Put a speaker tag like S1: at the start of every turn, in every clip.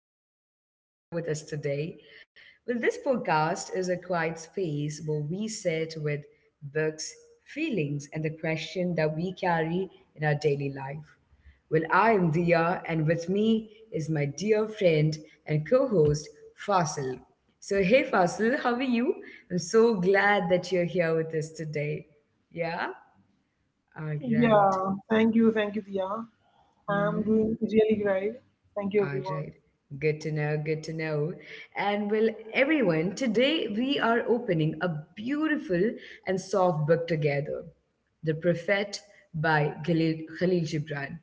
S1: happy that you are here with us today. Well, this podcast is a quiet space where we sit with books, feelings, and the question that we carry in our daily life. I am Dia, and with me is my dear friend and co host, Fasil. So, hey, Fasil, how are you? I'm so glad that you're here with us today. Yeah? All right.
S2: Yeah, thank you, Dia. I'm
S1: Mm-hmm.
S2: doing really great. Thank you,
S1: All
S2: everyone.
S1: right. Good to know. Good to know. And well, everyone, today we are opening a beautiful and soft book together, The Prophet by Khalil Gibran.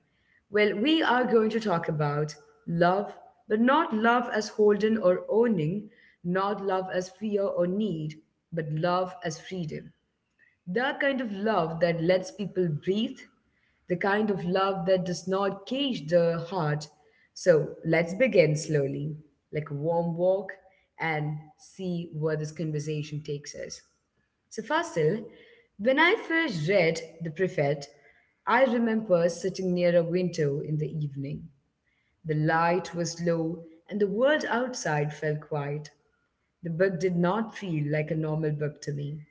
S1: Well, we are going to talk about love, but not love as holding or owning, not love as fear or need, but love as freedom. The kind of love that lets people breathe, the kind of love that does not cage the heart. So let's begin slowly, like a warm walk, and see where this conversation takes us. So, Fasil, when I first read The Prophet, I remember sitting near a window in the evening. The light was low, and the world outside felt quiet. The book did not feel like a normal book to me.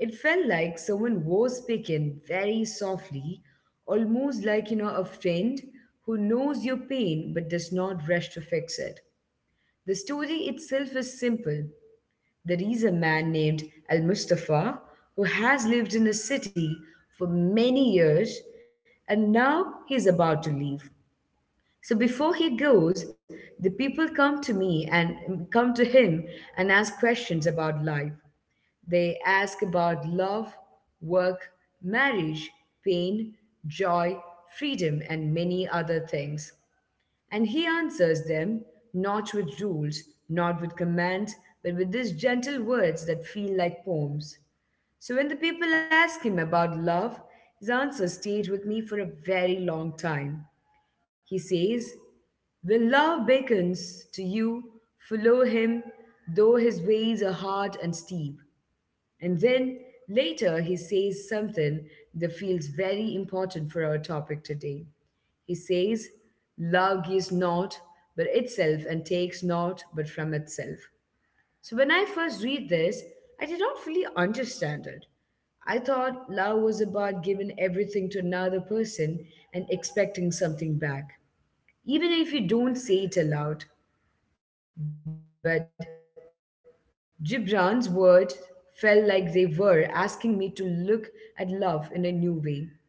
S1: It felt like someone was speaking very softly, almost like, a friend who knows your pain but does not rush to fix it. The story itself is simple. There is a man named Al Mustafa who has lived in a city for many years, and now he's about to leave. So before he goes, the people come to me and come to him and ask questions about life. They ask about love, work, marriage, pain, joy, freedom, and many other things. And he answers them not with rules, not with commands, but with these gentle words that feel like poems. So when the people ask him about love, his answer stayed with me for a very long time. He says, "When love beckons to you, follow him, though his ways are hard and steep." And then later he says something that feels very important for our topic today. He says, "Love gives not but itself, and takes not but from itself." So when I first read this, I did not fully understand it. I thought love was about giving everything to another person and expecting something back, even if you don't say it aloud. But Gibran's words felt like they were asking me to look at love in a new way,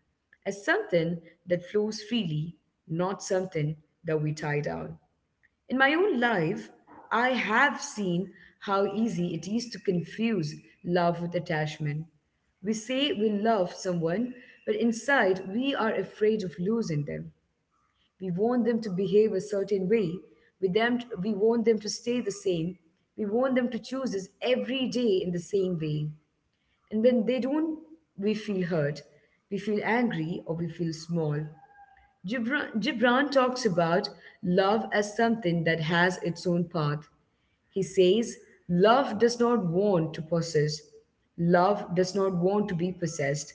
S1: as something that flows freely, not something that we tie down. In my own life, I have seen how easy it is to confuse love with attachment. We say we love someone, but inside we are afraid of losing them. We want them to behave a certain way. With them, we want them to stay the same. We want them to choose us every day in the same way. And when they don't, we feel hurt. We feel angry, or we feel small. Gibran talks about love as something that has its own path. He says, "Love does not want to possess. Love does not want to be possessed."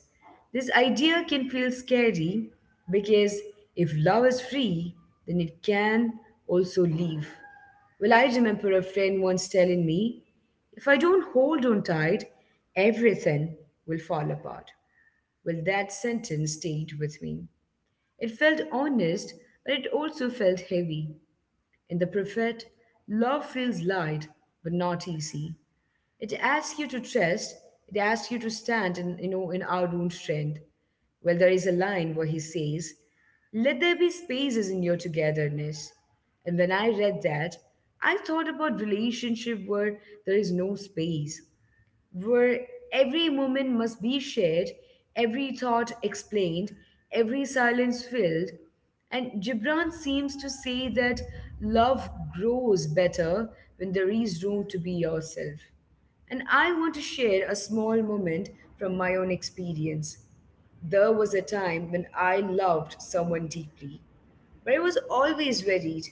S1: This idea can feel scary because if love is free, then it can also leave. I remember a friend once telling me, "If I don't hold on tight, everything will fall apart." Well, that sentence stayed with me. It felt honest, but it also felt heavy. In The Prophet, love feels light but not easy. It asks you to trust, it asks you to stand in, in our own strength. Well, there is a line where he says, "Let there be spaces in your togetherness." And when I read that, I thought about relationship where there is no space, where every moment must be shared, every thought explained, every silence filled. And Gibran seems to say that love grows better when there is room to be yourself. And I want to share a small moment from my own experience. There was a time when I loved someone deeply, but I was always worried.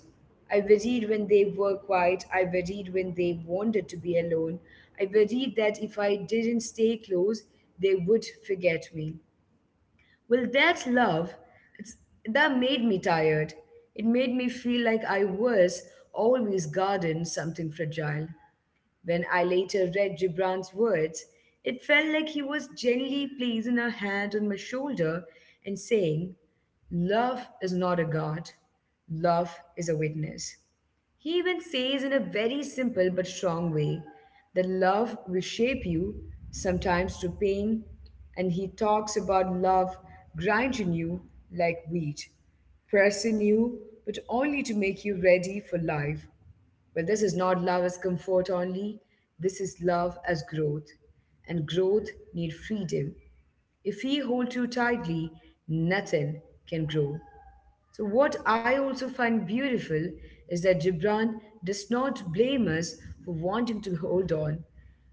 S1: I worried when they were quiet. I worried when they wanted to be alone. I worried that if I didn't stay close, they would forget me. That love, it's, that made me tired. It made me feel like I was always guarding something fragile. When I later read Gibran's words, it felt like he was gently placing a hand on my shoulder and saying, "Love is not a god, love is a witness." He even says in a very simple but strong way that love will shape you, sometimes to pain, and he talks about love grinding you like wheat, pressing you, but only to make you ready for life. But this is not love as comfort only. This is love as growth. And growth need freedom. If we hold too tightly, nothing can grow. So, what I also find beautiful is that Gibran does not blame us for wanting to hold on.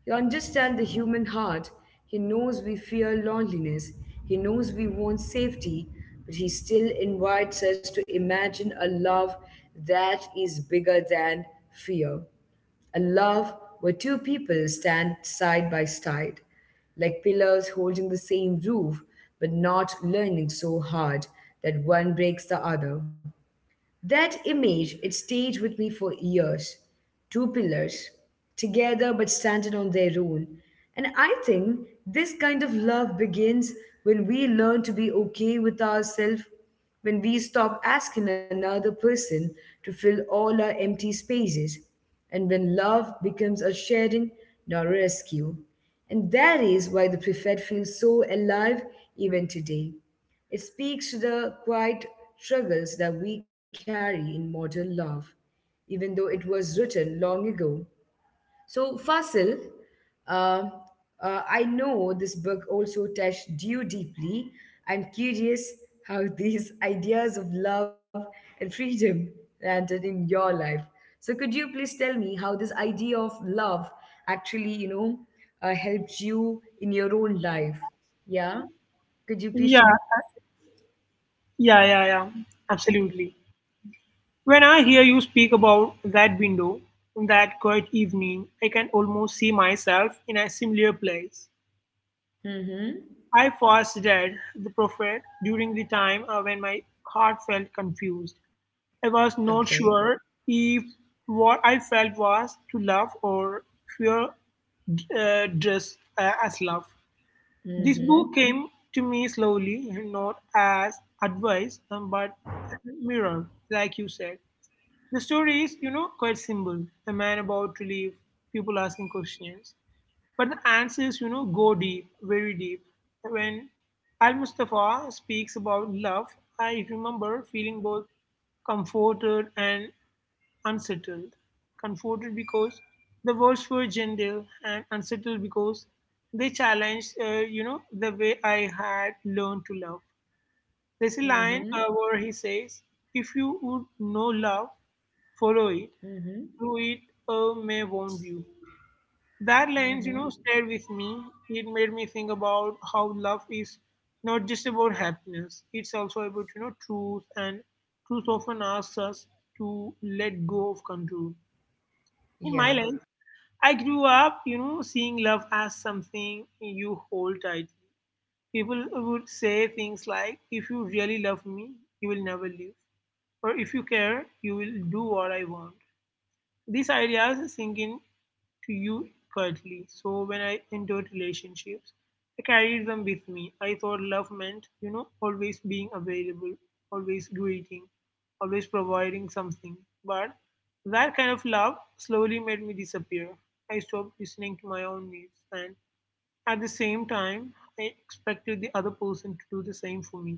S1: He understands the human heart. He knows we fear loneliness. He knows we want safety, but he still invites us to imagine a love that is bigger than fear. A love where two people stand side by side, like pillars holding the same roof but not leaning so hard that one breaks the other. That image, it stayed with me for years. Two pillars, together but standing on their own. And I think this kind of love begins when we learn to be okay with ourselves, when we stop asking another person to fill all our empty spaces, and when love becomes a sharing, not a rescue. And that is why the preferred feels so alive even today. It speaks to the quiet struggles that we carry in modern love, even though it was written long ago. So, Fasil, uh, I know this book also touched you deeply. I'm curious how these ideas of love and freedom landed in your life. So, could you please tell me how this idea of love actually, helped you in your own life? Yeah. Could you please
S2: Yeah,
S1: share?
S2: yeah, yeah, yeah, absolutely. When I hear you speak about that window, that quiet evening, I can almost see myself in a similar place.
S1: Mm-hmm.
S2: I first read The Prophet during the time when my heart felt confused. I was not
S1: Okay.
S2: sure if what I felt was to love or fear, just as love. This book
S1: Mm-hmm.
S2: came to me slowly, not as advice, but as a mirror, like you said. The story is, you know, quite simple. A man about to leave, people asking questions. But the answers, you know, go deep, very deep. When Al Mustafa speaks about love, I remember feeling both comforted and unsettled. Comforted because the words were gentle, and unsettled because they challenged, you know, the way I had learned to love. There's a line
S1: Mm-hmm.
S2: where he says, "If you would know love, follow it.
S1: Mm-hmm.
S2: Through it, may wound you." That line, you know,
S1: Mm-hmm.
S2: stayed with me. It made me think about how love is not just about happiness. It's also about, you know, truth, and truth often asks us to let go of control. In my
S1: Yeah.
S2: life, I grew up, you know, seeing love as something you hold tightly. People would say things like, if you really love me, you will never leave. Or if you care, you will do what I want. These ideas sink in to you quietly. So when I entered relationships, I carried them with me. I thought love meant, you know, always being available, always greeting, always providing something. But that kind of love slowly made me disappear. I stopped listening to my own needs, and at the same time, I expected the other person to do the same for me.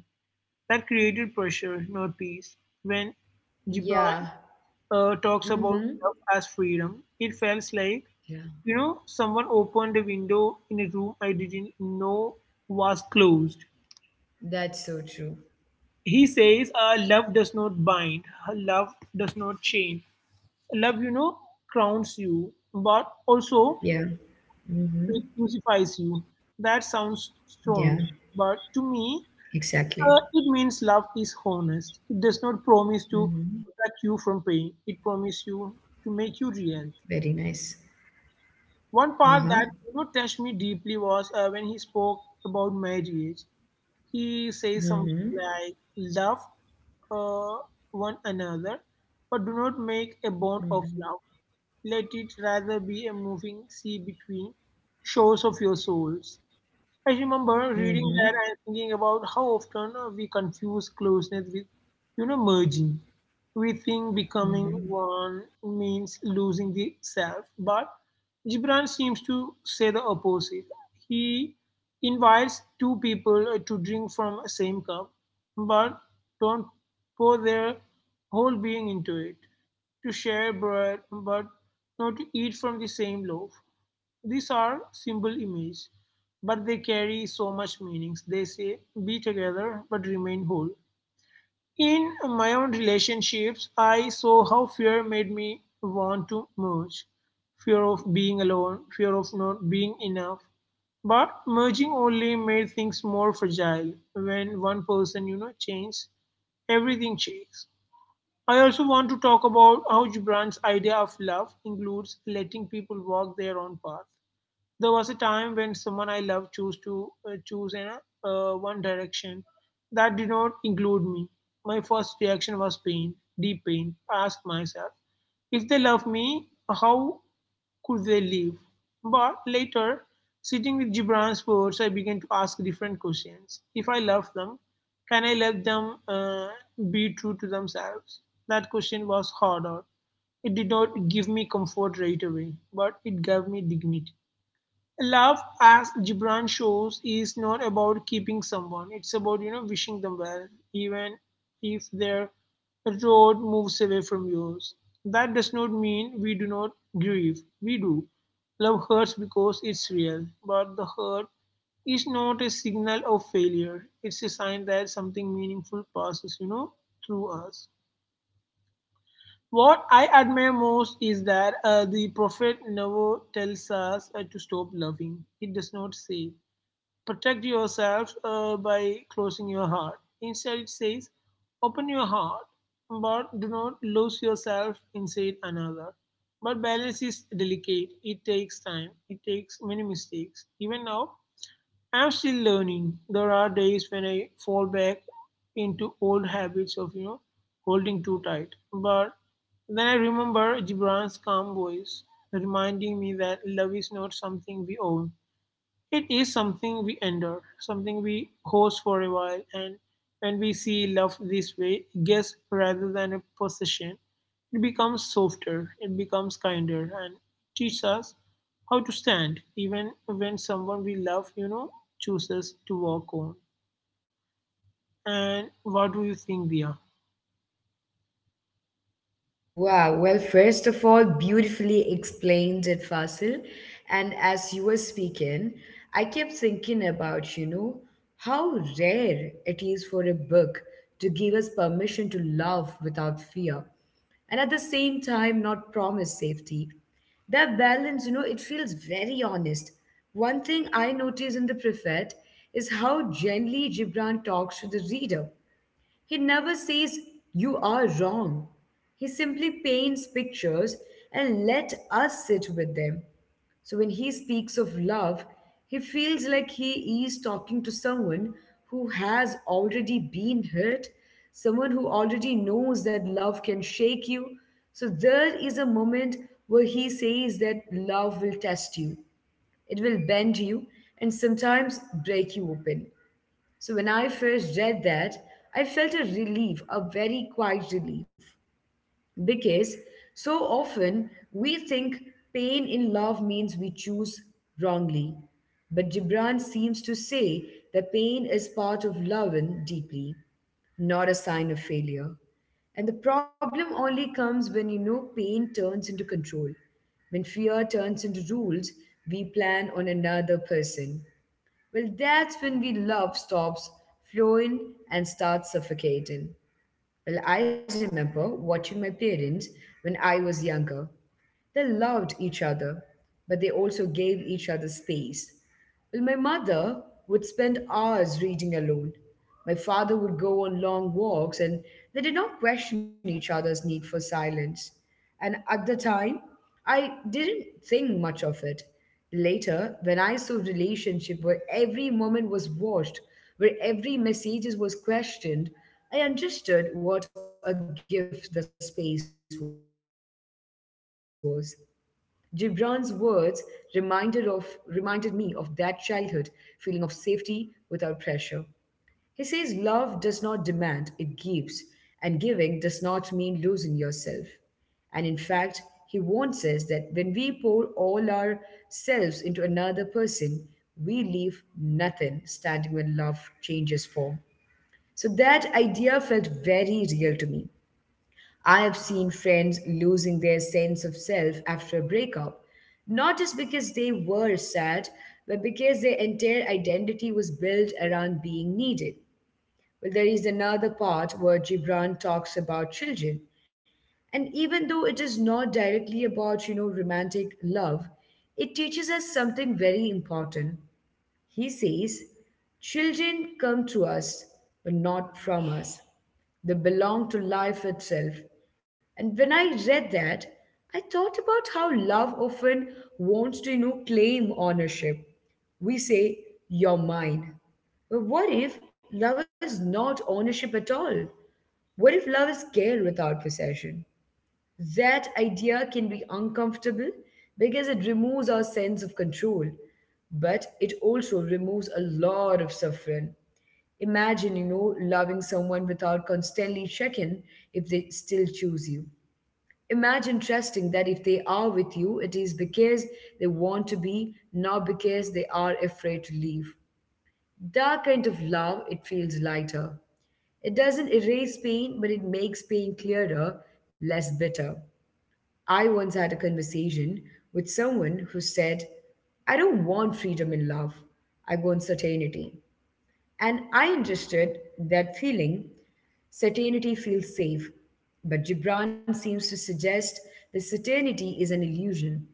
S2: That created pressure, not peace. When Gibran
S1: Yeah.
S2: talks about
S1: Mm-hmm.
S2: love as freedom, it feels like,
S1: Yeah.
S2: you know, someone opened a window in a room I didn't know was closed.
S1: That's so true.
S2: He says, love does not bind, love does not chain. Love, you know, crowns you, but also
S1: Yeah.
S2: it
S1: Mm-hmm.
S2: crucifies you. That sounds
S1: Yeah.
S2: strong, but to me,
S1: Exactly.
S2: it means love is honest. It does not promise to
S1: Mm-hmm.
S2: protect you from pain, it promises you to
S1: Very
S2: make you
S1: nice.
S2: real.
S1: Uh-huh.
S2: One part that, you know, touched me deeply was when he spoke about marriage. He says
S1: Mm-hmm.
S2: something like, "Love uh, one another, but do not make a bond
S1: Mm-hmm.
S2: of love. Let it rather be a moving sea between shores of your souls." I remember reading
S1: Mm-hmm.
S2: that and thinking about how often we confuse closeness with, you know, merging. We think becoming
S1: Mm-hmm.
S2: one means losing the self, but Gibran seems to say the opposite. He invites two people to drink from a same cup, but don't pour their whole being into it. To share bread, but not to eat from the same loaf. These are simple images, but they carry so much meanings. They say, be together but remain whole. In my own relationships, I saw how fear made me want to merge. Fear of being alone, fear of not being enough. But merging only made things more fragile. When one person, you know, changes, everything shakes. I also want to talk about how Gibran's idea of love includes letting people walk their own path. There was a time when someone I loved chose to one direction that did not include me. My first reaction was pain, deep pain. I asked myself, if they love me, how could they leave? But later, sitting with Gibran's words, I began to ask different questions. If I love them, can I let them be true to themselves? That question was harder. It did not give me comfort right away, but it gave me dignity. Love, as Gibran shows, is not about keeping someone. It's about, you know, wishing them well, even if their road moves away from yours. That does not mean we do not grieve. We do. Love hurts because it's real, but the hurt is not a signal of failure. It's a sign that something meaningful passes, you know, through us. What I admire most is that the Prophet never tells us to stop loving. He does not say, protect yourself by closing your heart. Instead, it says, open your heart, but do not lose yourself inside another. But balance is delicate. It takes time. It takes many mistakes. Even now, I'm still learning. There are days when I fall back into old habits of, you know, holding too tight. But then I remember Gibran's calm voice reminding me that love is not something we own, it is something we endure, something we host for a while, and when we see love this way, guess rather than a possession, it becomes softer, it becomes kinder, and teaches us how to stand even when someone we love, you know, chooses to walk on. And what do you think, Dia?
S1: Wow. Well, first of all, beautifully explained it, Fasil. And as you were speaking, I kept thinking about, you know, how rare it is for a book to give us permission to love without fear and at the same time not promise safety. That balance, you know, it feels very honest. One thing I notice in The Prophet is how gently Gibran talks to the reader. He never says, "You are wrong." He simply paints pictures and let us sit with them. So when he speaks of love, he feels like he is talking to someone who has already been hurt, someone who already knows that love can shake you. So there is a moment where he says that love will test you, it will bend you, and sometimes break you open. So when I first read that, I felt a relief, a very quiet relief, because so often we think pain in love means we choose wrongly. But Gibran seems to say that pain is part of loving deeply, not a sign of failure. And the problem only comes when you know pain turns into control. When fear turns into rules, we plan on another person. Well, that's when we love stops flowing and starts suffocating. I remember watching my parents when I was younger. They loved each other, but they also gave each other space. Well, my mother would spend hours reading alone. My father would go on long walks, and they did not question each other's need for silence. And at the time, I didn't think much of it. Later, when I saw relationship where every moment was watched, where every message was questioned, I understood what a gift the space was. Gibran's words reminded me of that childhood feeling of safety without pressure. He says love does not demand, it gives, and giving does not mean losing yourself. And in fact, he warns us that when we pour all ourselves into another person, we leave nothing standing when love changes form. So that idea felt very real to me. I have seen friends losing their sense of self after a breakup, not just because they were sad, but because their entire identity was built around being needed. Well, there is another part where Gibran talks about children. And even though it is not directly about, you know, romantic love, it teaches us something very important. He says, "Children come to us, but not from us. They belong to life itself." And when I read that, I thought about how love often wants to, you know, claim ownership. We say, "You're mine." But what if love is not ownership at all? What if love is care without possession? That idea can be uncomfortable because it removes our sense of control, but it also removes a lot of suffering. Imagine, loving someone without constantly checking if they still choose you. Imagine trusting that if they are with you, it is because they want to be, not because they are afraid to leave. That kind of love, it feels lighter. It doesn't erase pain, but it makes pain clearer, less bitter. I once had a conversation with someone who said, I don't want freedom in love, I want certainty. And I understood that feeling, certainty feels safe. But Gibran seems to suggest that certainty is an illusion.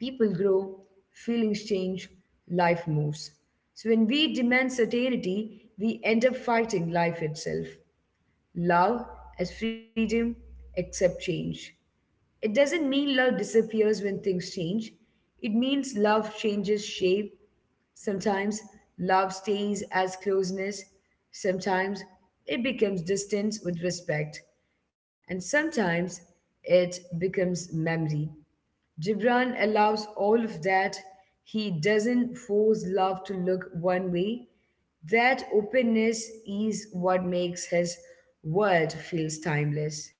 S1: People grow, feelings change, life moves. So when we demand certainty, we end up fighting life itself. Love as freedom, accept change. It doesn't mean love disappears when things change. It means love changes shape. Sometimes love stays as closeness. Sometimes it becomes distance with respect. And sometimes it becomes memory. Gibran allows all of that. He doesn't force love to look one way. That openness is what makes his world feels timeless.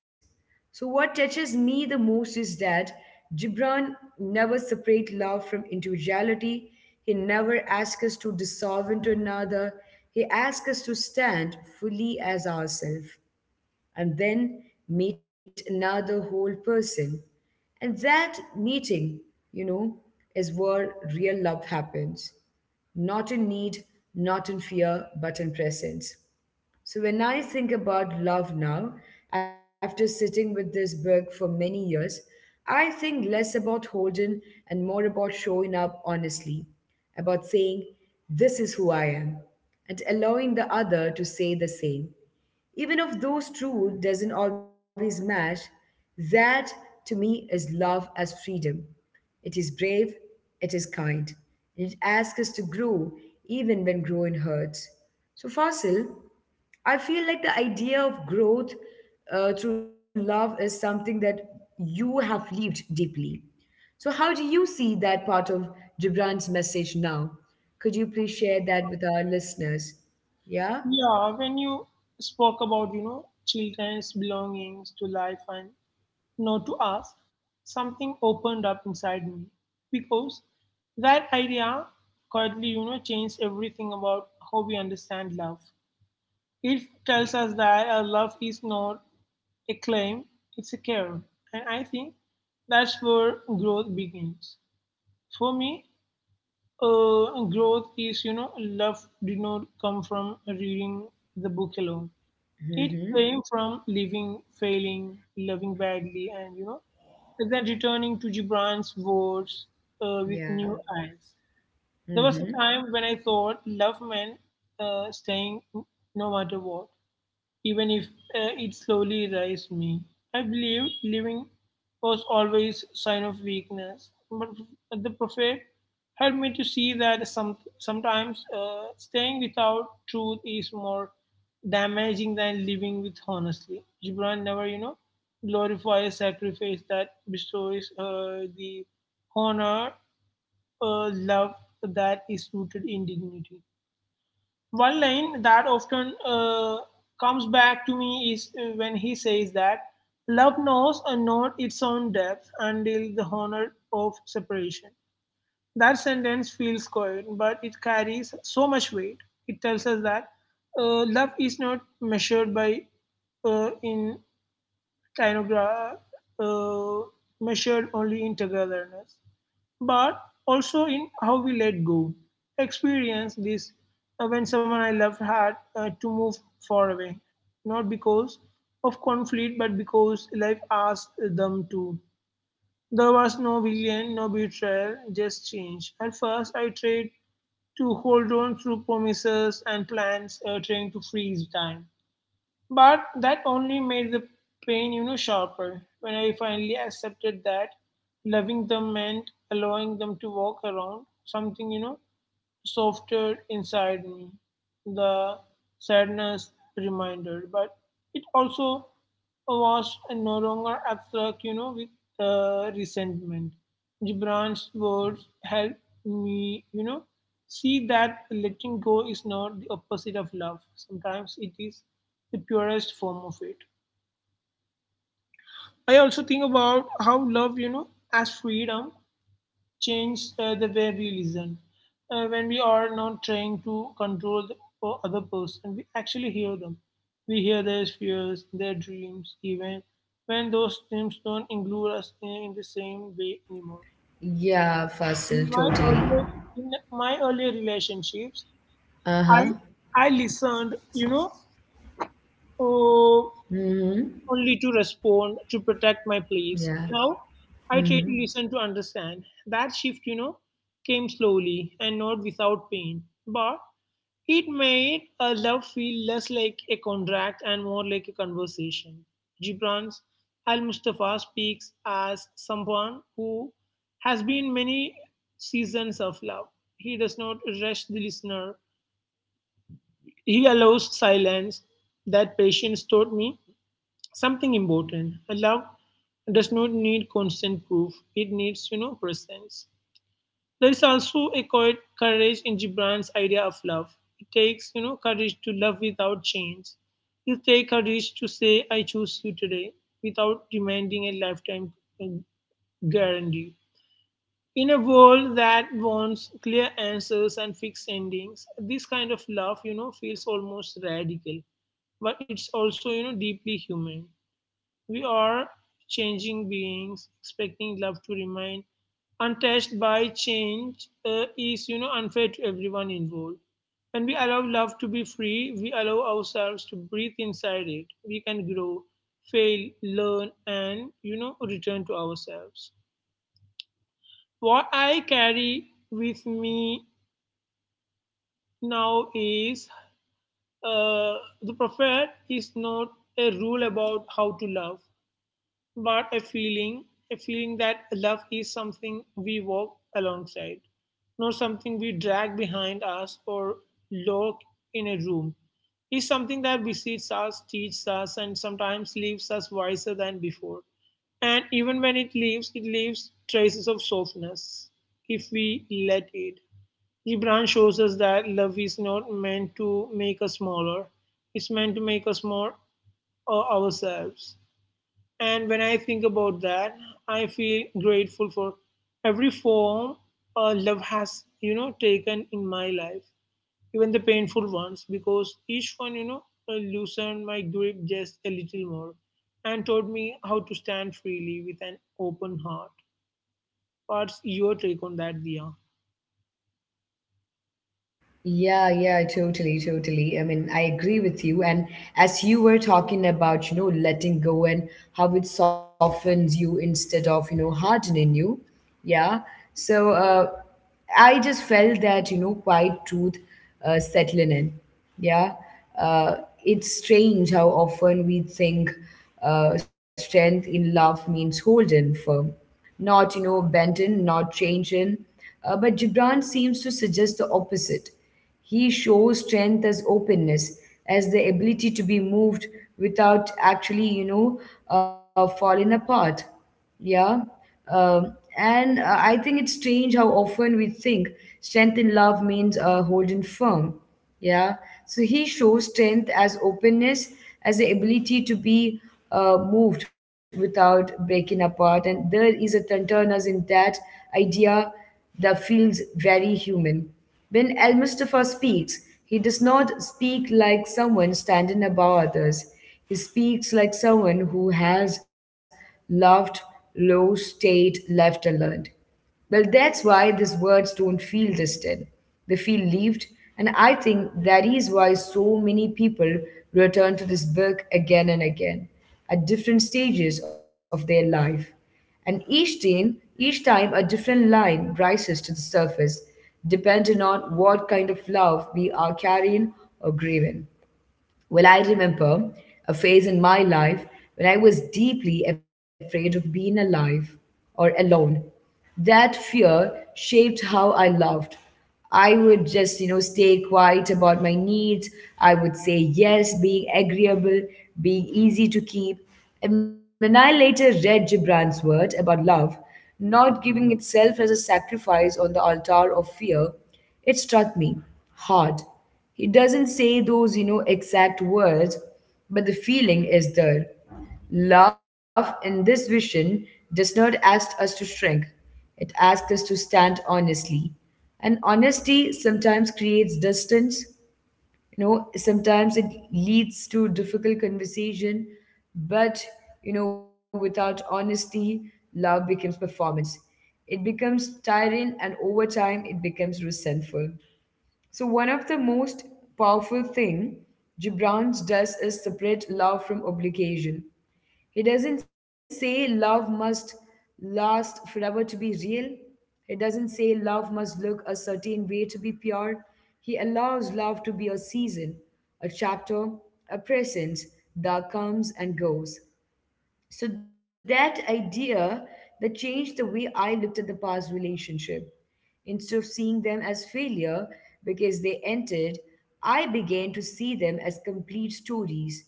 S1: So what touches me the most is that Gibran never separate love from individuality. He never asks us to dissolve into another. He asks us to stand fully as ourselves and then meet another whole person. And that meeting, you know, is where real love happens. Not in need, not in fear, but in presence. So when I think about love now, after sitting with this book for many years, I think less about holding and more about showing up honestly, about saying, This is who I am, and allowing the other to say the same. Even if those truth doesn't always match, that to me is love as freedom. It is brave, it is kind, and it asks us to grow even when growing hurts. So, Fasil, I feel like the idea of growth through love is something that you have lived deeply. So, how do you see that part of Gibran's message now? Could you please share that with our listeners? Yeah?
S2: Yeah, when you spoke about, you know, children's belongings to life and not to ask, something opened up inside me because that idea quietly, you know, changed everything about how we understand love. It tells us that love is not a claim, it's a care. And I think that's where growth begins. For me, growth is, you know, love did not come from reading the book alone. It
S1: Mm-hmm.
S2: came from living, failing, loving badly, and, you know, then returning to Gibran's words with
S1: Yeah.
S2: new eyes. There was a
S1: Mm-hmm.
S2: time when I thought love meant staying no matter what, even if it slowly raised me. I believed living was always sign of weakness, but the Prophet helped me to see that sometimes staying without truth is more damaging than living with honestly. Gibran never, you know, glorifies sacrifice that bestows the honor, love that is rooted in dignity. One line that often comes back to me is when he says that love knows not its own depth until the honor of separation. That sentence feels quiet, but it carries so much weight. It tells us that love is not measured by uh, in tinogra- uh, measured only in togetherness but also in how we let go. Experience this when someone I loved had to move far away, not because of conflict, but because life asked them to. There was no villain, no betrayal, just change. At first, I tried to hold on through promises and plans, trying to freeze time. But that only made the pain, you know, sharper. When I finally accepted that loving them meant allowing them to walk around, something, you know, softer inside me, the sadness reminder. But it also was no longer abstract, you know, with resentment. Gibran's words helped me, you know, see that letting go is not the opposite of love. Sometimes it is the purest form of it. I also think about how love, you know, as freedom change the way we listen. When we are not trying to control the other person, we actually hear them. We hear their fears, their dreams, even when those dreams don't include us in the same way anymore.
S1: Yeah, Fasil,
S2: In my
S1: totally.
S2: earlier, in my earlier relationships,
S1: Uh-huh.
S2: I I listened, you know, uh,
S1: Mm-hmm.
S2: only to respond, to protect my
S1: Yeah.
S2: place. Now, I try to listen to understand. That shift, you know, came slowly and not without pain, but it made a love feel less like a contract and more like a conversation. Gibran's Al Mustafa speaks as someone who has been many seasons of love. He does not rush the listener. He allows silence, that patience taught me something important. A love does not need constant proof. It needs, you know, presence. There is also a quiet courage in Gibran's idea of love. It takes, you know, courage to love without change. It takes courage to say, I choose you today without demanding a lifetime um, guarantee. In a world that wants clear answers and fixed endings, this kind of love, you know, feels almost radical, but it's also, you know, deeply human. We are changing beings, expecting love to remain untouched by change is, you know, unfair to everyone involved. When we allow love to be free, we allow ourselves to breathe inside it. We can grow, fail, learn, and, you know, return to ourselves. What I carry with me now is uh, the prophet is not a rule about how to love but a feeling, a feeling that love is something we walk alongside, not something we drag behind us or lock in a room. Is something that besits us, teaches us, and sometimes leaves us wiser than before. And even when it leaves, it leaves traces of softness if we let it. Gibran shows us that love is not meant to make us smaller. It's meant to make us more ourselves. And when I think about that, I feel grateful for every form love has, taken in my life, even the painful ones, because each one, loosened my grip just a little more and taught me how to stand freely with an open heart. What's your take on that, Dia?
S1: Yeah, yeah, totally, totally. I mean, I agree with you. And as you were talking about, letting go and how it softens you instead of, hardening you. Yeah. So I just felt that, quiet truth settling in. Yeah. Uh, it's strange how often we think strength in love means holding firm, not, bending, not changing. But Gibran seems to suggest the opposite. He shows strength as openness, as the ability to be moved without actually, falling apart. Yeah. Um, and I think it's strange how often we think strength in love means holding firm. Yeah. So he shows strength as openness, as the ability to be moved without breaking apart. And there is a tenderness in that idea that feels very human. When Al Mustafa speaks, he does not speak like someone standing above others. He speaks like someone who has loved, lost, stayed, left, and learned. Well, that's why these words don't feel tested. They feel lived, and I think that is why so many people return to this book again and again at different stages of their life. And each time a different line rises to the surface, depending on what kind of love we are carrying or grieving. Well, I remember a phase in my life when I was deeply afraid of being alive or alone. That fear shaped how I loved. I would just, stay quiet about my needs. I would say yes, being agreeable, being easy to keep. And when I later read Gibran's word about love, not giving itself as a sacrifice on the altar of fear, it struck me hard. He doesn't say those, exact words, but the feeling is there. Love in this vision does not ask us to shrink, it asks us to stand honestly. And honesty sometimes creates distance, you know sometimes it leads to difficult conversation but you know without honesty love becomes performance, it becomes tiring, and over time it becomes resentful. So one of the most powerful thing Gibran does is separate love from obligation. He doesn't say love must last forever to be real. He doesn't say love must look a certain way to be pure. He allows love to be a season, a chapter, a presence that comes and goes. So that idea that changed the way I looked at the past relationship. Instead of seeing them as failure because they ended, I began to see them as complete stories.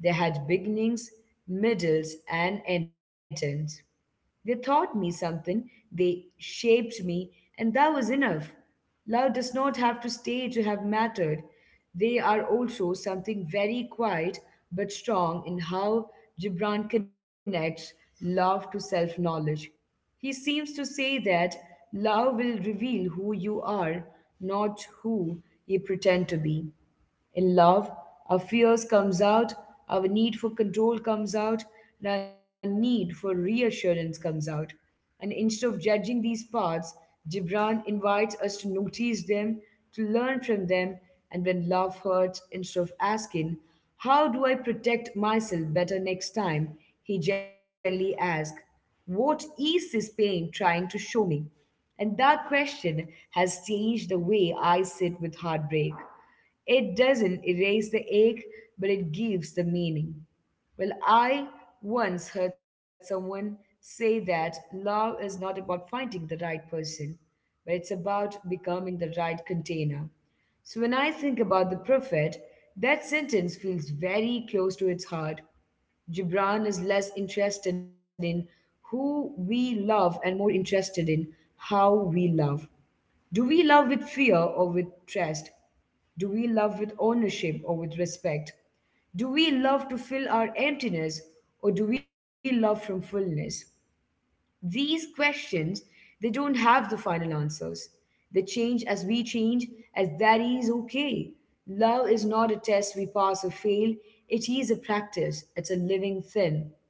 S1: They had beginnings, middles, and endings. They taught me something, they shaped me, and that was enough. Love does not have to stay to have mattered. They are also something very quiet but strong in how Gibran connects love to self knowledge. He seems to say that love will reveal who you are, not who you pretend to be. In love, our fears comes out, our need for control comes out, and our need for reassurance comes out. And instead of judging these paths, Gibran invites us to notice them, to learn from them, and when love hurts, instead of asking, How do I protect myself better next time? He gently asks, What is this pain trying to show me? And that question has changed the way I sit with heartbreak. It doesn't erase the ache, but it gives the meaning. Well, I once heard someone say that love is not about finding the right person, but it's about becoming the right container. So when I think about the prophet, that sentence feels very close to its heart. Gibran is less interested in who we love and more interested in how we love. Do we love with fear or with trust? Do we love with ownership or with respect? Do we love to fill our emptiness or do we love from fullness? These questions, they don't have the final answers. They change as we change, as that is okay. Love is not a test we pass or fail, it is a practice, it's a living thing.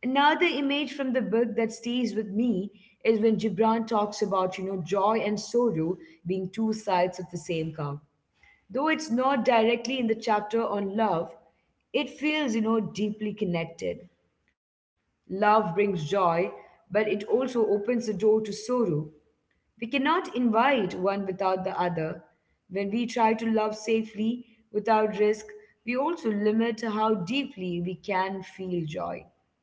S1: Another image from the book that stays with me is when Gibran talks about, joy and sorrow being two sides of the same cup. Though it's not directly in the chapter on love, it feels, deeply connected. Love brings joy, but it also opens the door to sorrow. We cannot invite one without the other. When we try to love safely without risk, we also limit how deeply we can feel joy.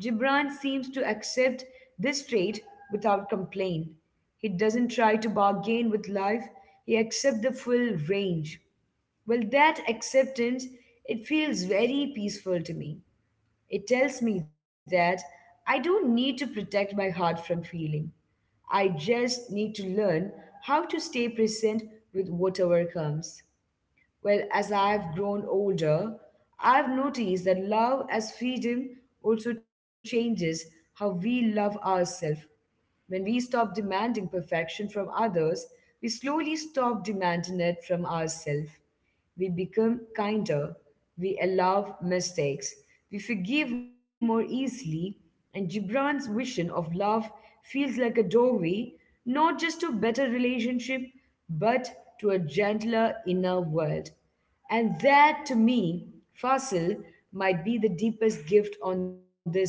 S1: Gibran seems to accept this trait without complaint. He doesn't try to bargain with life, he accepts the full range. Well, that acceptance, it feels very peaceful to me. It tells me that I don't need to protect my heart from feeling. I just need to learn how to stay present with whatever comes. Well, as I've grown older, I've noticed that love as freedom also changes how we love ourselves. When we stop demanding perfection from others, we slowly stop demanding it from ourselves. We become kinder, we allow mistakes, we forgive more easily, and Gibran's vision of love feels like a doorway not just to better relationship but to a gentler inner world. And that to me, Fasil, might be the deepest gift on this book.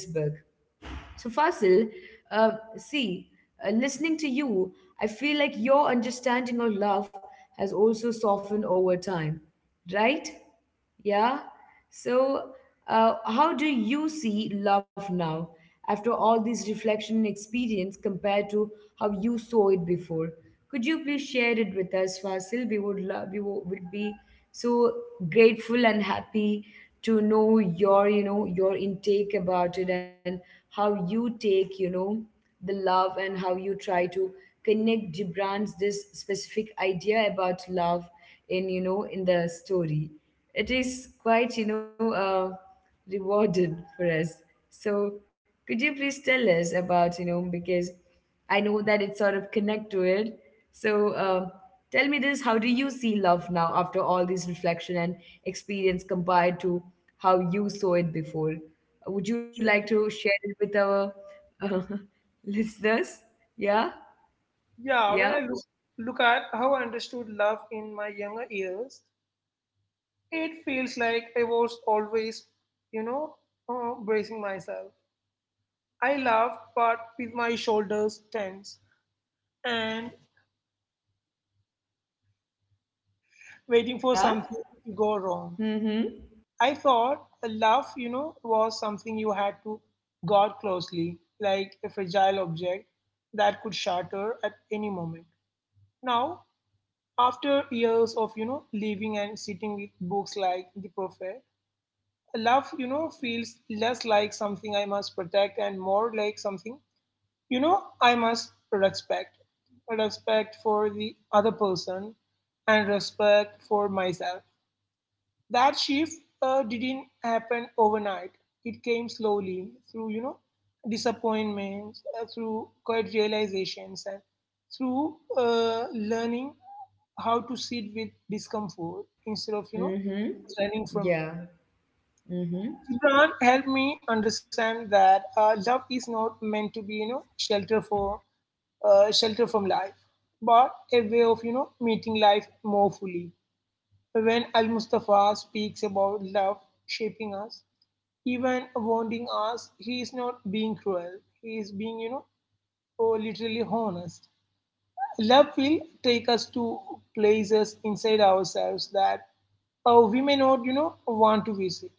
S1: So, Fasil, see, listening to you, I feel like your understanding of love has also softened over time, right? Yeah. So, how do you see love now after all this reflection and experience compared to how you saw it before? Could you please share it with us, Vasil? We would love, would be so grateful and happy to know your, your intake about it and how you take, the love and how you try to connect Gibran's this specific idea about love in, in the story. It is quite, rewarded for us. So could you please tell us about, because I know that it sort of connect to it. So tell me this: How do you see love now after all this reflection and experience compared to how you saw it before? Would you like to share it with our uh, listeners? Yeah,
S2: Yeah, when I
S1: yeah,
S2: look, look at how I understood love in my younger years, it feels like I was always, you know, bracing myself. I laughed, but with my shoulders tense and waiting for
S1: yeah.
S2: something to go wrong.
S1: Mm-hmm.
S2: I thought a love, was something you had to guard closely, like a fragile object that could shatter at any moment. Now, after years of, living and sitting with books like The Prophet, love, feels less like something I must protect and more like something, I must respect. Respect for the other person and respect for myself. That shift didn't happen overnight. It came slowly through, disappointments, through quiet realizations, and through learning how to sit with discomfort instead of,
S1: Mm-hmm.
S2: running from it.
S1: Yeah. Mm-hmm.
S2: Gibran helped me understand that love is not meant to be, shelter from life, but a way of, meeting life more fully. When Al Mustafa speaks about love shaping us, even wounding us, he is not being cruel. He is being, oh, literally honest. Love will take us to places inside ourselves that we may not, want to visit.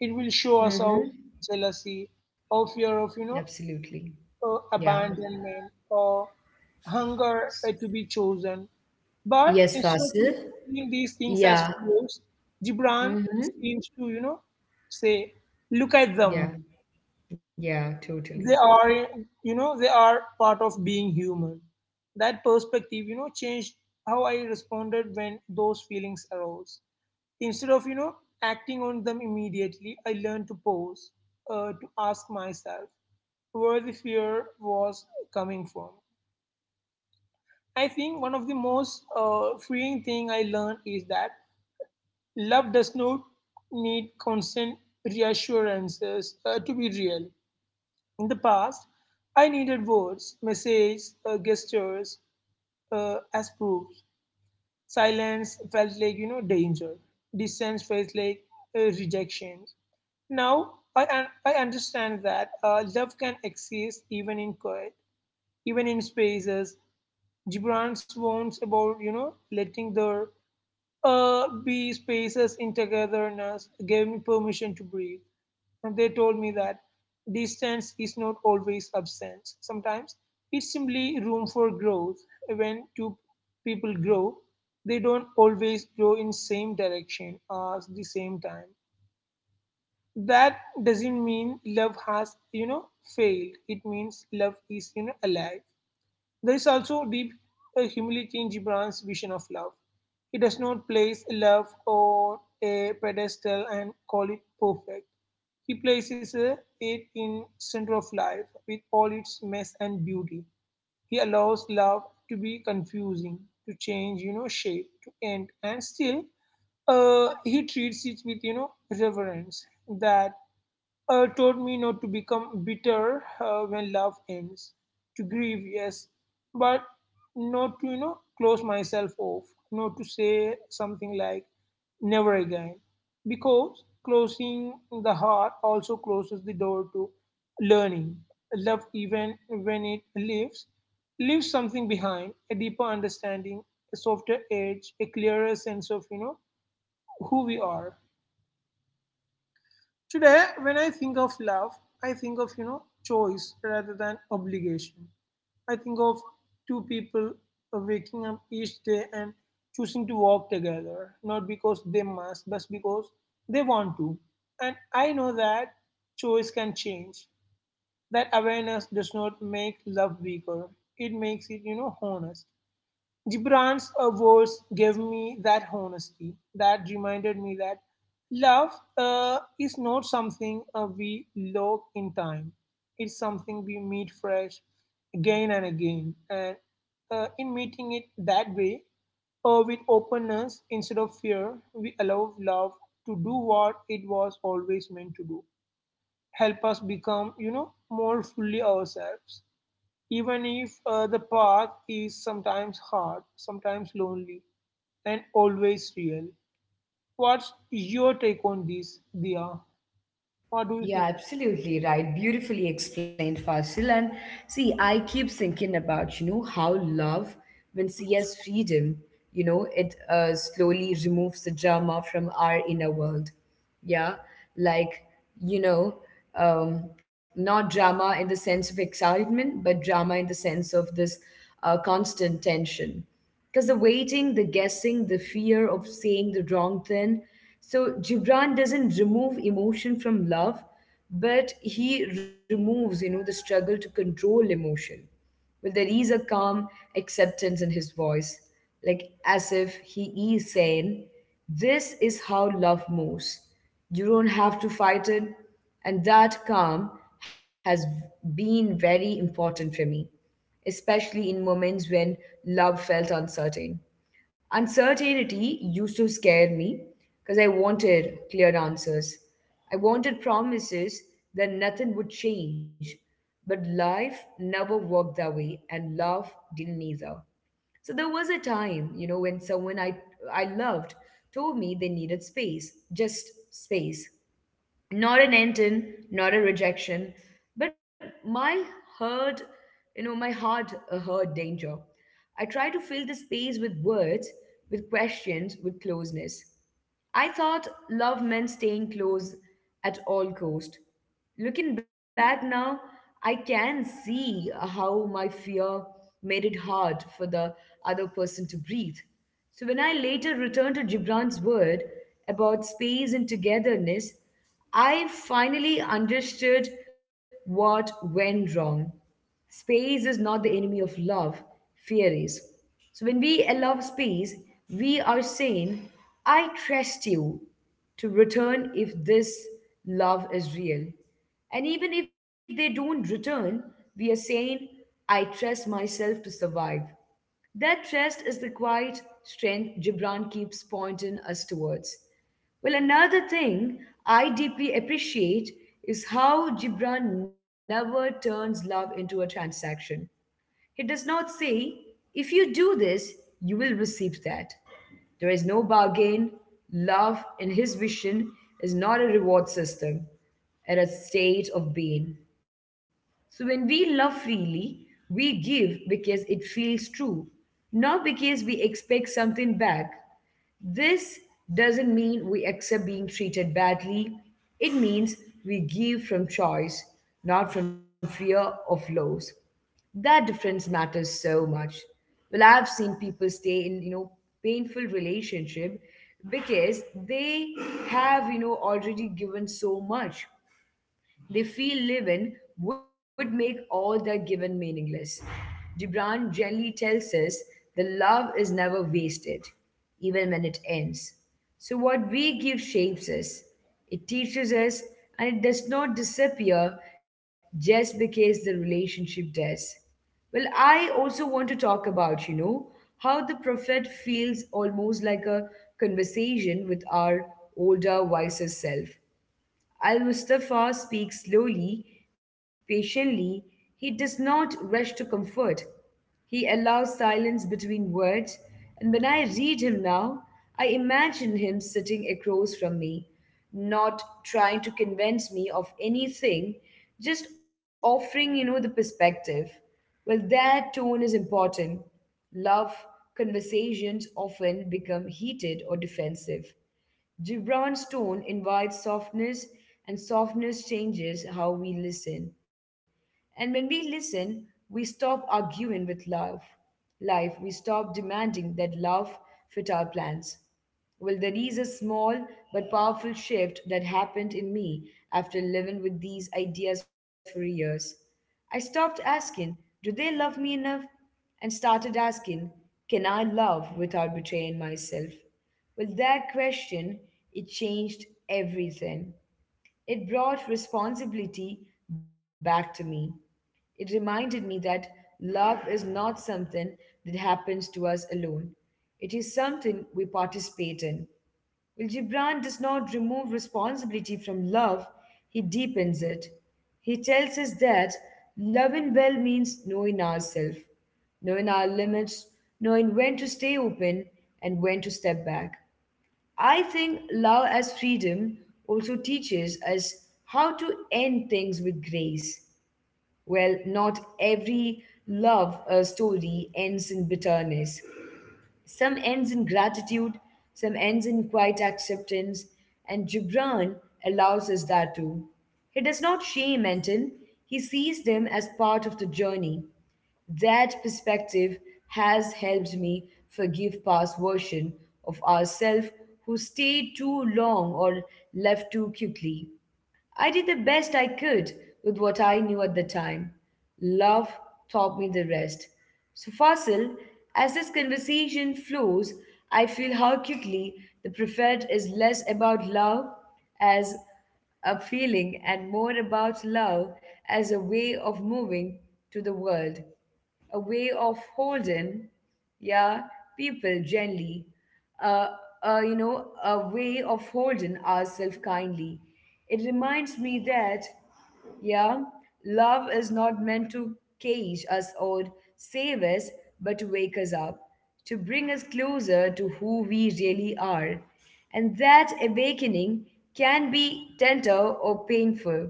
S2: It will show us our
S1: Mm-hmm.
S2: jealousy, our fear of,
S1: Absolutely. Yeah.
S2: abandonment, or hunger
S1: S-
S2: to be chosen. But
S1: Yes,
S2: instead of
S1: Fasil.
S2: seeing these things as
S1: Yeah.
S2: flaws, Gibran
S1: Mm-hmm.
S2: seems to, say, look at them,
S1: Yeah. Yeah, totally.
S2: they are, they are part of being human. That perspective, changed how I responded when those feelings arose. Instead of, acting on them immediately, I learned to pause, to ask myself where the fear was coming from. I think one of the most freeing thing I learned is that love does not need constant reassurances to be real. In the past, I needed words, messages, gestures as proof. Silence felt like, you know, danger. Distance felt like rejection. Now I understand that love can exist even in quiet, even in spaces. Gibran's warns about, you know, letting their be spaces in togetherness gave me permission to breathe. And they told me that distance is not always absence. Sometimes it's simply room for growth. When two people grow, they don't always grow in same direction as the same time. That doesn't mean love has, failed. It means love is, alive. There is also deep humility in Gibran's vision of love. He does not place love on a pedestal and call it perfect. He places it in center of life with all its mess and beauty. He allows love to be confusing, to change, shape, to end, and still he treats it with, you know, reverence that taught me not to become bitter when love ends, to grieve, yes, but not to, you know, close myself off, not to say something like never again, because closing the heart also closes the door to learning. Love, even when it leaves, leaves something behind: a deeper understanding, a softer edge, a clearer sense of, you know, who we are. Today, when I think of love, I think of, choice rather than obligation. I think of two people waking up each day and choosing to walk together, not because they must, but because they want to. And I know that choice can change. That awareness does not make love weaker. It makes it, honest. Gibran's words gave me that honesty that reminded me that love is not something we log in time. It's something we meet fresh again and again. And in meeting it that way, or with openness instead of fear, we allow love to do what it was always meant to do. Help us become, more fully ourselves, even if the path is sometimes hard, sometimes lonely, and always real. What's your take on this, Dia? What do you think?
S1: Yeah, absolutely right. Beautifully explained, Fasil. And see, I keep thinking about, how love, when see as freedom, it slowly removes the drama from our inner world. Yeah, like, you know, not drama in the sense of excitement, but drama in the sense of this constant tension. Because the waiting, the guessing, the fear of saying the wrong thing. So Gibran doesn't remove emotion from love, but he removes, the struggle to control emotion. Well, there is a calm acceptance in his voice, like as if he is saying, This is how love moves. You don't have to fight it. And that calm has been very important for me, especially in moments when love felt uncertain. Uncertainty used to scare me because I wanted clear answers. I wanted promises that nothing would change. But life never worked that way, and love didn't either. So there was a time, when someone I loved told me they needed space, just space, not an end in, not a rejection, but my heard, my heart heard danger. I try to fill the space with words, with questions, with closeness. I thought love meant staying close at all cost. Looking back now, I can see how my fear made it hard for the other person to breathe. So when I later returned to Gibran's word about space and togetherness, I finally understood what went wrong. Space is not the enemy of love, fear is. So when we allow space, we are saying, I trust you to return if this love is real. And even if they don't return, we are saying, I trust myself to survive. That trust is the quiet strength Gibran keeps pointing us towards. Well, another thing I deeply appreciate is how Gibran never turns love into a transaction. He does not say, if you do this, you will receive that. There is no bargain. Love, in his vision, is not a reward system, and a state of being. So when we love freely, we give because it feels true, not because we expect something back. This doesn't mean we accept being treated badly. It means we give from choice, not from fear of loss. That difference matters so much. Well, I've seen people stay in, painful relationship because they have, already given so much they feel living would make all their given meaningless. Gibran gently tells us the love is never wasted, even when it ends. So, what we give shapes us, it teaches us, and it does not disappear just because the relationship does. Well, I also want to talk about, how the prophet feels almost like a conversation with our older, wiser self. Al Mustafa speaks slowly, patiently. He does not rush to comfort. He allows silence between words, and when I read him now, I imagine him sitting across from me, not trying to convince me of anything, just offering, the perspective. Well, that tone is important. Love conversations often become heated or defensive. Gibran's tone invites softness, and softness changes how we listen. And when we listen, we stop arguing with life. Life, we stop demanding that love fit our plans. Well, there is a small but powerful shift that happened in me after living with these ideas for years. I stopped asking, Do they love me enough? And started asking, Can I love without betraying myself? Well, that question, it changed everything. It brought responsibility back to me. It reminded me that love is not something that happens to us alone. It is something we participate in. Well, Gibran does not remove responsibility from love, he deepens it. He tells us that loving well means knowing ourselves, knowing our limits, knowing when to stay open and when to step back. I think love as freedom also teaches us how to end things with grace. Well, not every love story ends in bitterness. Some ends in gratitude, some ends in quiet acceptance, and Gibran allows us that too. He does not shame Anton, he sees them as part of the journey. That perspective has helped me forgive past version of ourselves who stayed too long or left too quickly. I did the best I could with what I knew at the time. Love taught me the rest. So, Fasil, as this conversation flows, I feel how quickly the prophet is less about love as a feeling and more about love as a way of moving to the world, a way of holding, yeah, people gently, uh, a way of holding ourselves kindly. It reminds me that, yeah, love is not meant to cage us or save us, but to wake us up, to bring us closer to who we really are. And that awakening can be tender or painful,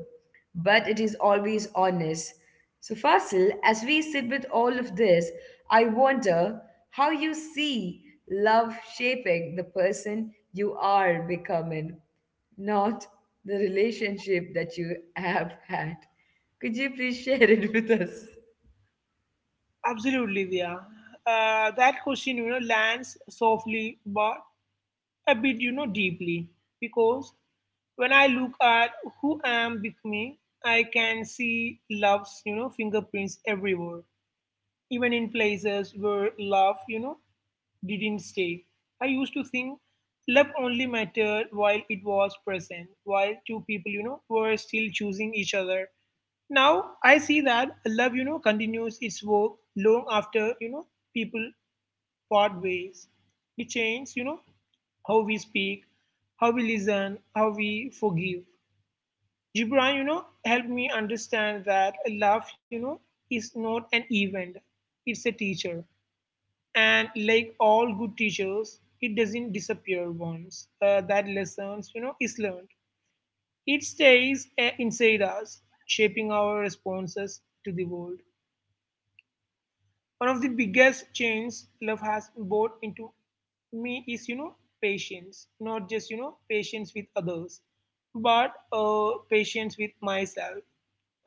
S1: but it is always honest. So, Fasil, as we sit with all of this, I wonder how you see love shaping the person you are becoming, not the relationship that you have had. Could you please share it with us?
S2: Absolutely, Dia. That question, lands softly but a bit, deeply because when I look at who I am becoming, I can see love's, fingerprints everywhere, even in places where love, didn't stay. I used to think love only mattered while it was present, while two people, were still choosing each other. Now I see that love, continues its work long after, people part ways. It changes, how we speak, how we listen, how we forgive. Gibran, helped me understand that love, is not an event, it's a teacher. And like all good teachers, it doesn't disappear once that lessons, you know, is learned. It stays inside us, shaping our responses to the world. One of the biggest changes love has brought into me is, you know, patience. Not just, you know, patience with others, but patience with myself.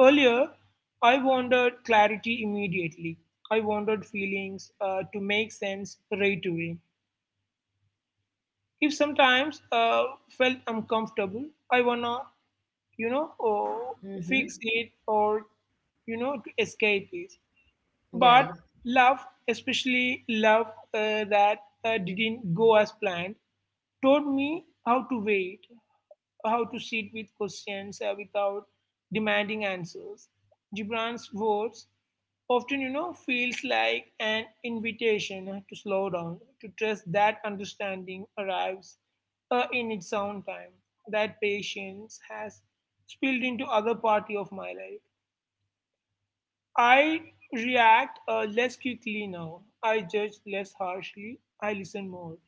S2: Earlier, I wanted clarity immediately. I wanted feelings to make sense right away. If sometimes felt uncomfortable, I wanna, oh,
S1: Mm-hmm.
S2: fix it or, to escape it.
S1: Yeah.
S2: But love, especially love that didn't go as planned, taught me how to wait, how to sit with questions without demanding answers. Gibran's words often, feels like an invitation to slow down, to trust that understanding arrives in its own time. That patience has spilled into other party of my life. I react less quickly now. I judge less harshly. I listen more.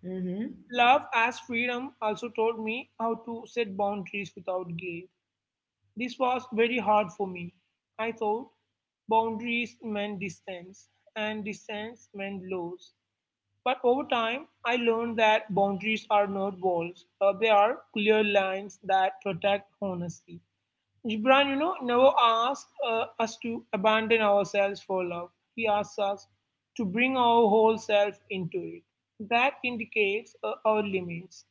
S1: Mm-hmm.
S2: Love as freedom also taught me how to set boundaries without guilt. This was very hard for me. I thought boundaries meant distance, and distance meant loss. But over time, I learned that boundaries are not walls, they are clear lines that protect honesty. Gibran, never asks us to abandon ourselves for love. He asks us to bring our whole self into it. That indicates our limits.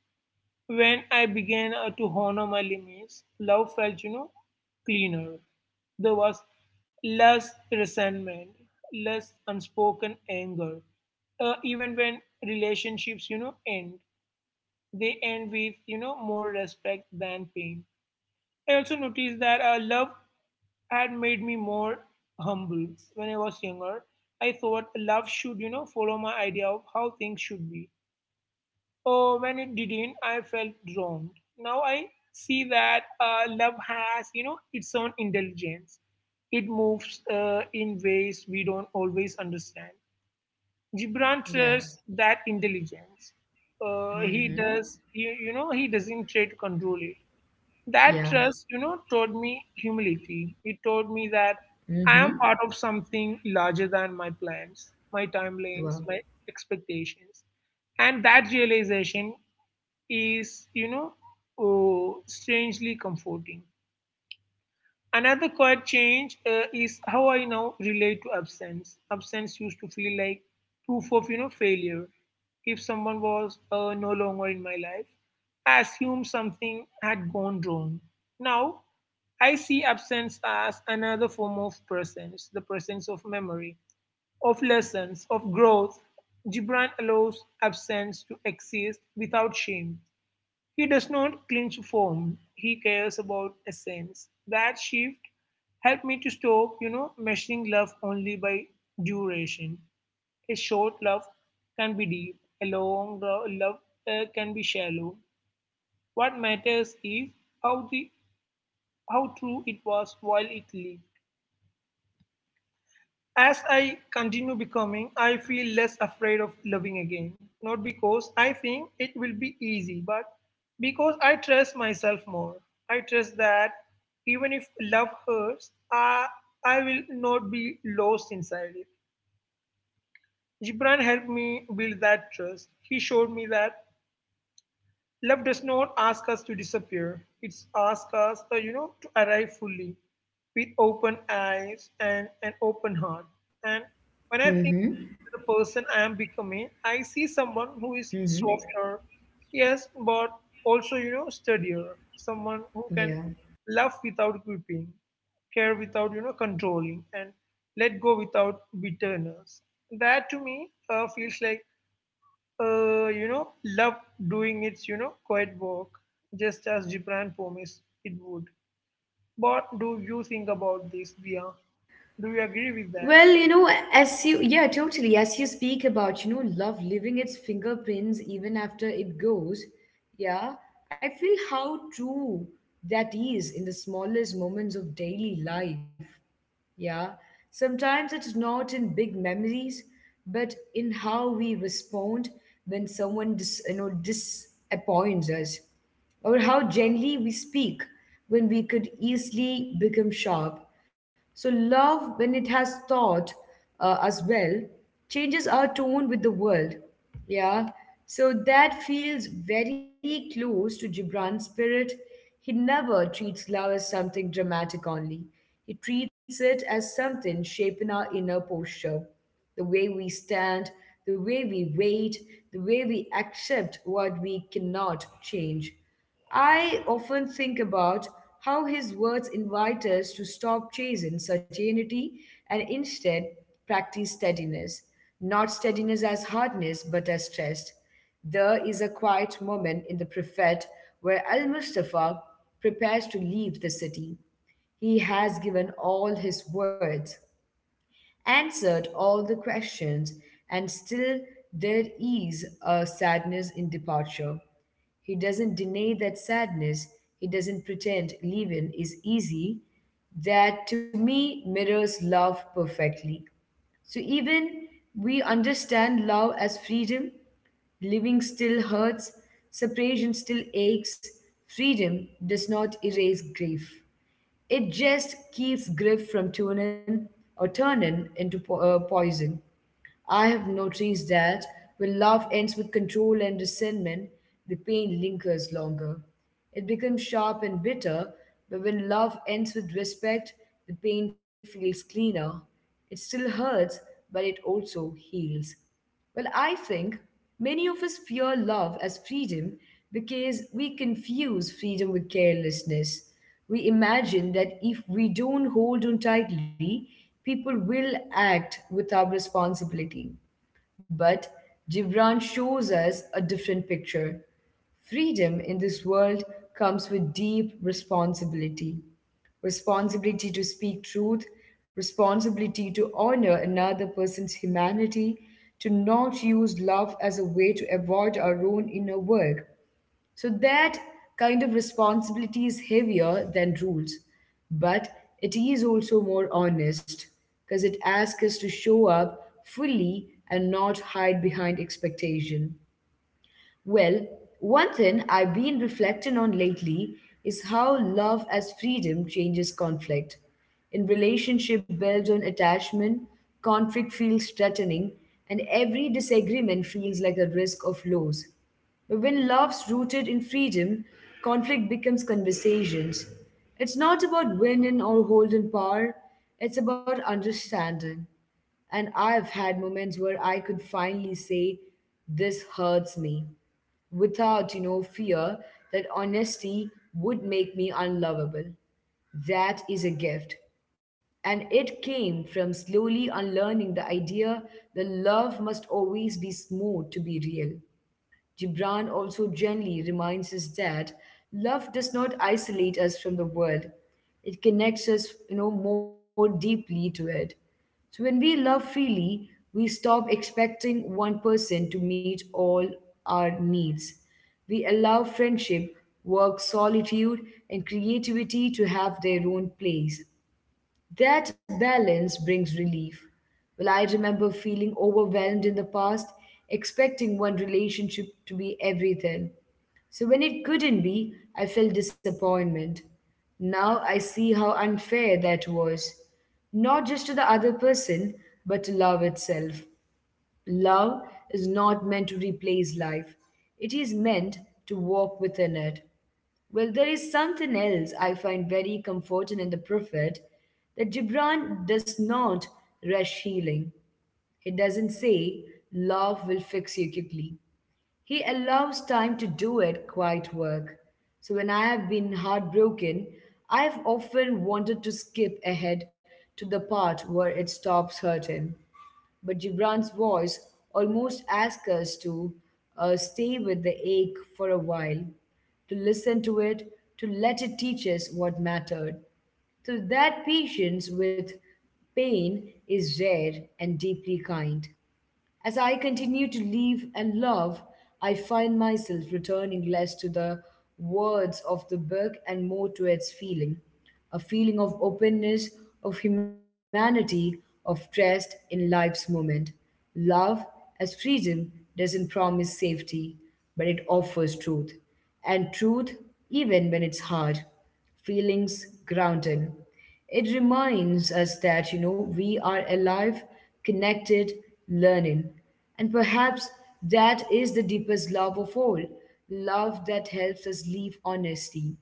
S2: When I began to honor my limits, love felt, cleaner. There was less resentment, less unspoken anger. Even when relationships, end, they end with, more respect than pain. I also noticed that love had made me more humble. When I was younger, I thought love should, follow my idea of how things should be. Or when it didn't, I felt wronged. Now I see that love has, its own intelligence. It moves in ways we don't always understand. Gibran
S1: Yeah.
S2: trusts that intelligence. He
S1: Mm-hmm.
S2: does, you know, he doesn't try to control it. That
S1: Yeah.
S2: trust, taught me humility. It taught me that
S1: Mm-hmm.
S2: I am part of something larger than my plans, my
S1: Wow.
S2: timelines, my expectations. And that realization is, oh, strangely comforting. Another quiet change is how I now relate to absence. Absence used to feel like proof of, you know, failure. If someone was no longer in my life, I assumed something had gone wrong. Now, I see absence as another form of presence, the presence of memory, of lessons, of growth. Gibran allows absence to exist without shame. He does not cling form. He cares about essence. That shift helped me to stop, measuring love only by duration. A short love can be deep. Love can be shallow. What matters is how the how true it was while it lived. As I continue becoming, I feel less afraid of loving again. Not because I think it will be easy, but because I trust myself more. I trust that even if love hurts, I will not be lost inside it. Gibran helped me build that trust. He showed me that love does not ask us to disappear. It's ask us, to arrive fully with open eyes and an open heart. And when I think
S1: Mm-hmm.
S2: of the person I am becoming, I see someone who is
S1: Mm-hmm.
S2: softer, yes, but also, steadier. Someone who can
S1: Yeah.
S2: love without gripping, care without, controlling, and let go without bitterness. That to me feels like love doing its, quiet work, just as Gibran promised it would. What do you think about this, Bia? Do you agree with that?
S1: Well, yeah, totally. As you speak about, love leaving its fingerprints even after it goes, yeah, I feel how true that is in the smallest moments of daily life. Yeah, sometimes it's not in big memories, but in how we respond when someone disappoints us, or how gently we speak when we could easily become sharp. So love, when it has thought as well, changes our tone with the world. Yeah. So that feels very close to Gibran's spirit. He never treats love as something dramatic only. He treats it as something shaping our inner posture. The way we stand, the way we wait, the way we accept what we cannot change. I often think about how his words invite us to stop chasing certainty and instead practice steadiness, not steadiness as hardness but as trust. There is a quiet moment in the Prophet where Al Mustafa prepares to leave the city. He has given all his words, answered all the questions, and still there is a sadness in departure. He doesn't deny that sadness, he doesn't pretend leaving is easy. That to me mirrors love perfectly. So even we understand love as freedom, living still hurts, separation still aches, freedom does not erase grief. It just keeps grief from turning into poison. I have noticed that when love ends with control and resentment, the pain lingers longer. It becomes sharp and bitter, but when love ends with respect, the pain feels cleaner. It still hurts, but it also heals. Well, I think many of us fear love as freedom because we confuse freedom with carelessness. We imagine that if we don't hold on tightly, people will act without responsibility. But Gibran shows us a different picture. Freedom in this world comes with deep responsibility, responsibility to speak truth, responsibility to honor another person's humanity, to not use love as a way to avoid our own inner work. So that kind of responsibility is heavier than rules, but it is also more honest because it asks us to show up fully and not hide behind expectation. Well, one thing I've been reflecting on lately is how love as freedom changes conflict. In relationship built on attachment, conflict feels threatening, and every disagreement feels like a risk of loss. But when love's rooted in freedom, conflict becomes conversations. It's not about winning or holding power, it's about understanding. And I've had moments where I could finally say, This hurts me, without, fear that honesty would make me unlovable. That is a gift. And it came from slowly unlearning the idea that love must always be smooth to be real. Gibran also gently reminds us that love does not isolate us from the world. It connects us, more deeply to it. So when we love freely, we stop expecting one person to meet all our needs. We allow friendship, work, solitude, and creativity to have their own place. That balance brings relief. Well, I remember feeling overwhelmed in the past, expecting one relationship to be everything. So when it couldn't be, I felt disappointment. Now I see how unfair that was, not just to the other person, but to love itself. Love is not meant to replace life, it is meant to walk within it. Well, there is something else I find very comforting in the Prophet, that Gibran does not rush healing. He doesn't say, Love will fix you quickly. He allows time to do it quiet work. So when I have been heartbroken, I have often wanted to skip ahead to the part where it stops hurting. But Gibran's voice almost asks us to stay with the ache for a while, to listen to it, to let it teach us what mattered. So that patience with pain is rare and deeply kind. As I continue to live and love, I find myself returning less to the words of the book and more to its feeling, a feeling of openness, of humanity, of trust in life's moment. Love, as freedom, doesn't promise safety, but it offers truth. And truth, even when it's hard, feelings grounded. It reminds us that, we are alive, connected, learning. And perhaps that is the deepest love of all, love that helps us live honestly.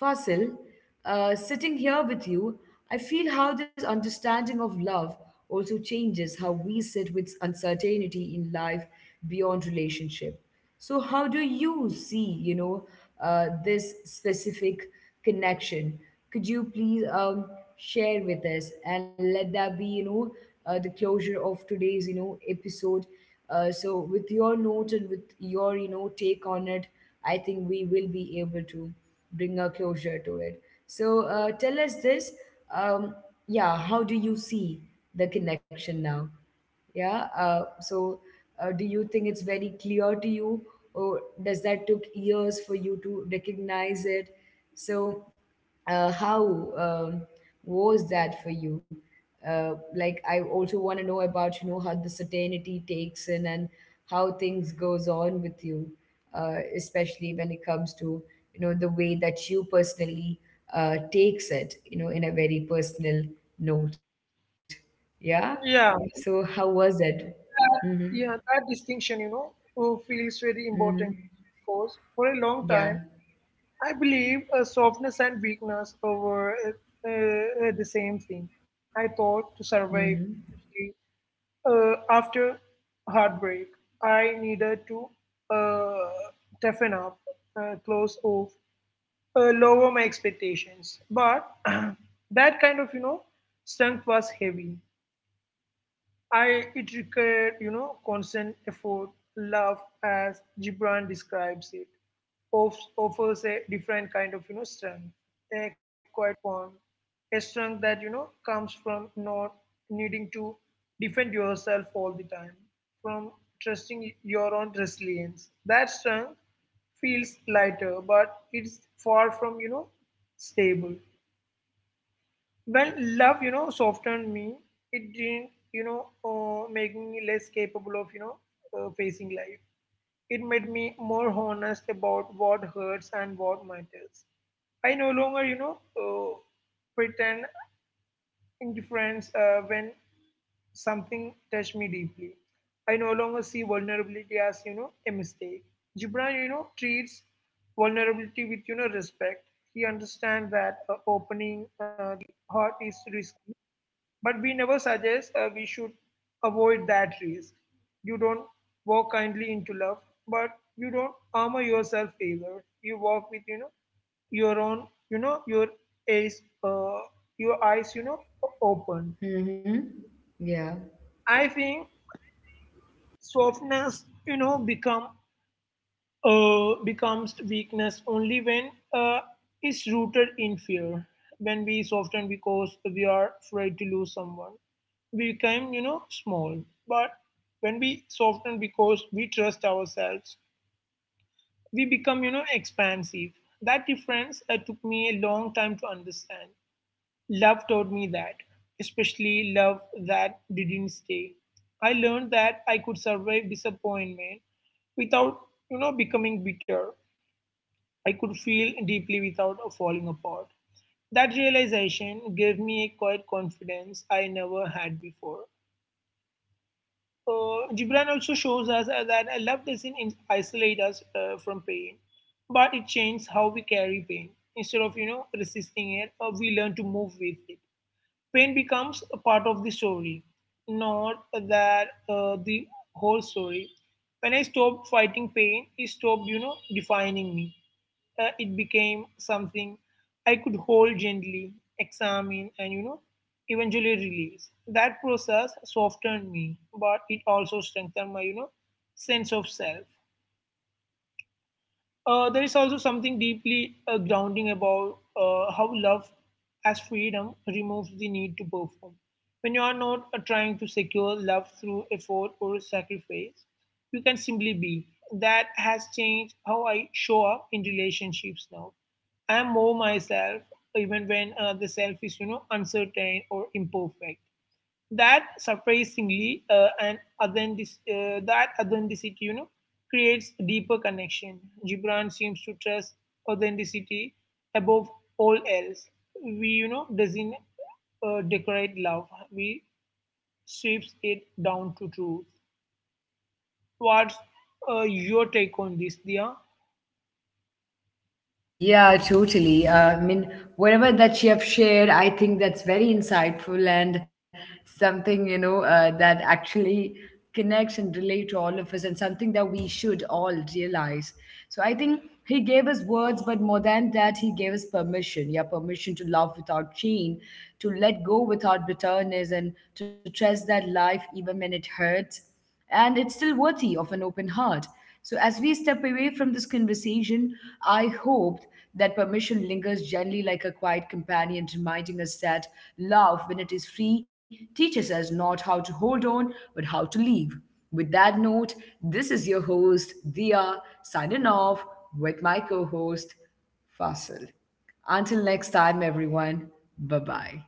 S1: Fasil, sitting here with you, I feel how this understanding of love also changes how we sit with uncertainty in life beyond relationship. So, how do you see, this specific connection? Could you please share with us and let that be, the closure of today's, episode. So, with your note and with your, take on it, I think we will be able to bring a closure to it. So tell us this. Um, yeah, how do you see the connection now? Yeah. So do you think it's very clear to you, or does that took years for you to recognize it? So how was that for you? Like, I also want to know about how the certainty takes in and how things goes on with you, especially when it comes to the way that you personally takes it, in a very personal note. Yeah.
S2: Yeah,
S1: So how was it? Mm-hmm.
S2: yeah, that distinction, feels very important
S1: Mm-hmm.
S2: because for a long time,
S1: Yeah.
S2: I believe softness and weakness were the same thing. I thought to survive,
S1: Mm-hmm.
S2: After heartbreak, I needed to uh, toughen up, close off, lower my expectations. But that kind of, strength was heavy. I it required, constant effort. Love as Gibran describes it, offers a different kind of, strength, a quiet bond, a strength that, comes from not needing to defend yourself all the time, from trusting your own resilience. That strength feels lighter, but it's far from, stable. When love, softened me, it didn't, make me less capable of, facing life. It made me more honest about what hurts and what matters. I no longer, pretend indifference when something touched me deeply. I no longer see vulnerability as, a mistake. Gibran, treats vulnerability with, respect. He understands that opening the heart is risky, but we never suggest we should avoid that risk. You don't walk kindly into love, but you don't armor yourself either. You walk with, you know, your own, eyes uh, your eyes, open.
S1: Mm-hmm. Yeah.
S2: I think softness, becomes weakness only when uh, it's rooted in fear. When we soften because we are afraid to lose someone, we become, small. But when we soften because we trust ourselves, we become, expansive. That difference took me a long time to understand. Love taught me that, especially love that didn't stay. I learned that I could survive disappointment without, you know, becoming bitter. I could feel deeply without falling apart. That realization gave me a quiet confidence I never had before. Gibran also shows us that love doesn't in- isolate us from pain, but it changes how we carry pain. Instead of, you know, resisting it, we learn to move with it. Pain becomes a part of the story, not that the whole story. When I stopped fighting pain, it stopped, defining me. It became something I could hold gently, examine, and, eventually release. That process softened me, but it also strengthened my, sense of self. There is also something deeply grounding about how love as freedom removes the need to perform. When you are not trying to secure love through effort or sacrifice, you can simply be. That has changed how I show up in relationships now. I am more myself even when the self is, uncertain or imperfect. That surprisingly that authenticity, creates a deeper connection. Gibran seems to trust authenticity above all else. We you know doesn't decorate love. We sweeps it down to truth. What's your take on this, Dia?
S1: Yeah, totally. I mean, whatever that you have shared, I think that's very insightful and something, that actually connects and relate to all of us and something that we should all realize. So I think he gave us words, but more than that, he gave us permission. Yeah, permission to love without chain, to let go without bitterness, and to trust that life, even when it hurts, and it's still worthy of an open heart. So, as we step away from this conversation, I hope that permission lingers gently like a quiet companion, reminding us that love, when it is free, teaches us not how to hold on, but how to leave. With that note, this is your host, Dia, signing off with my co host, Fasil. Until next time, everyone, bye bye.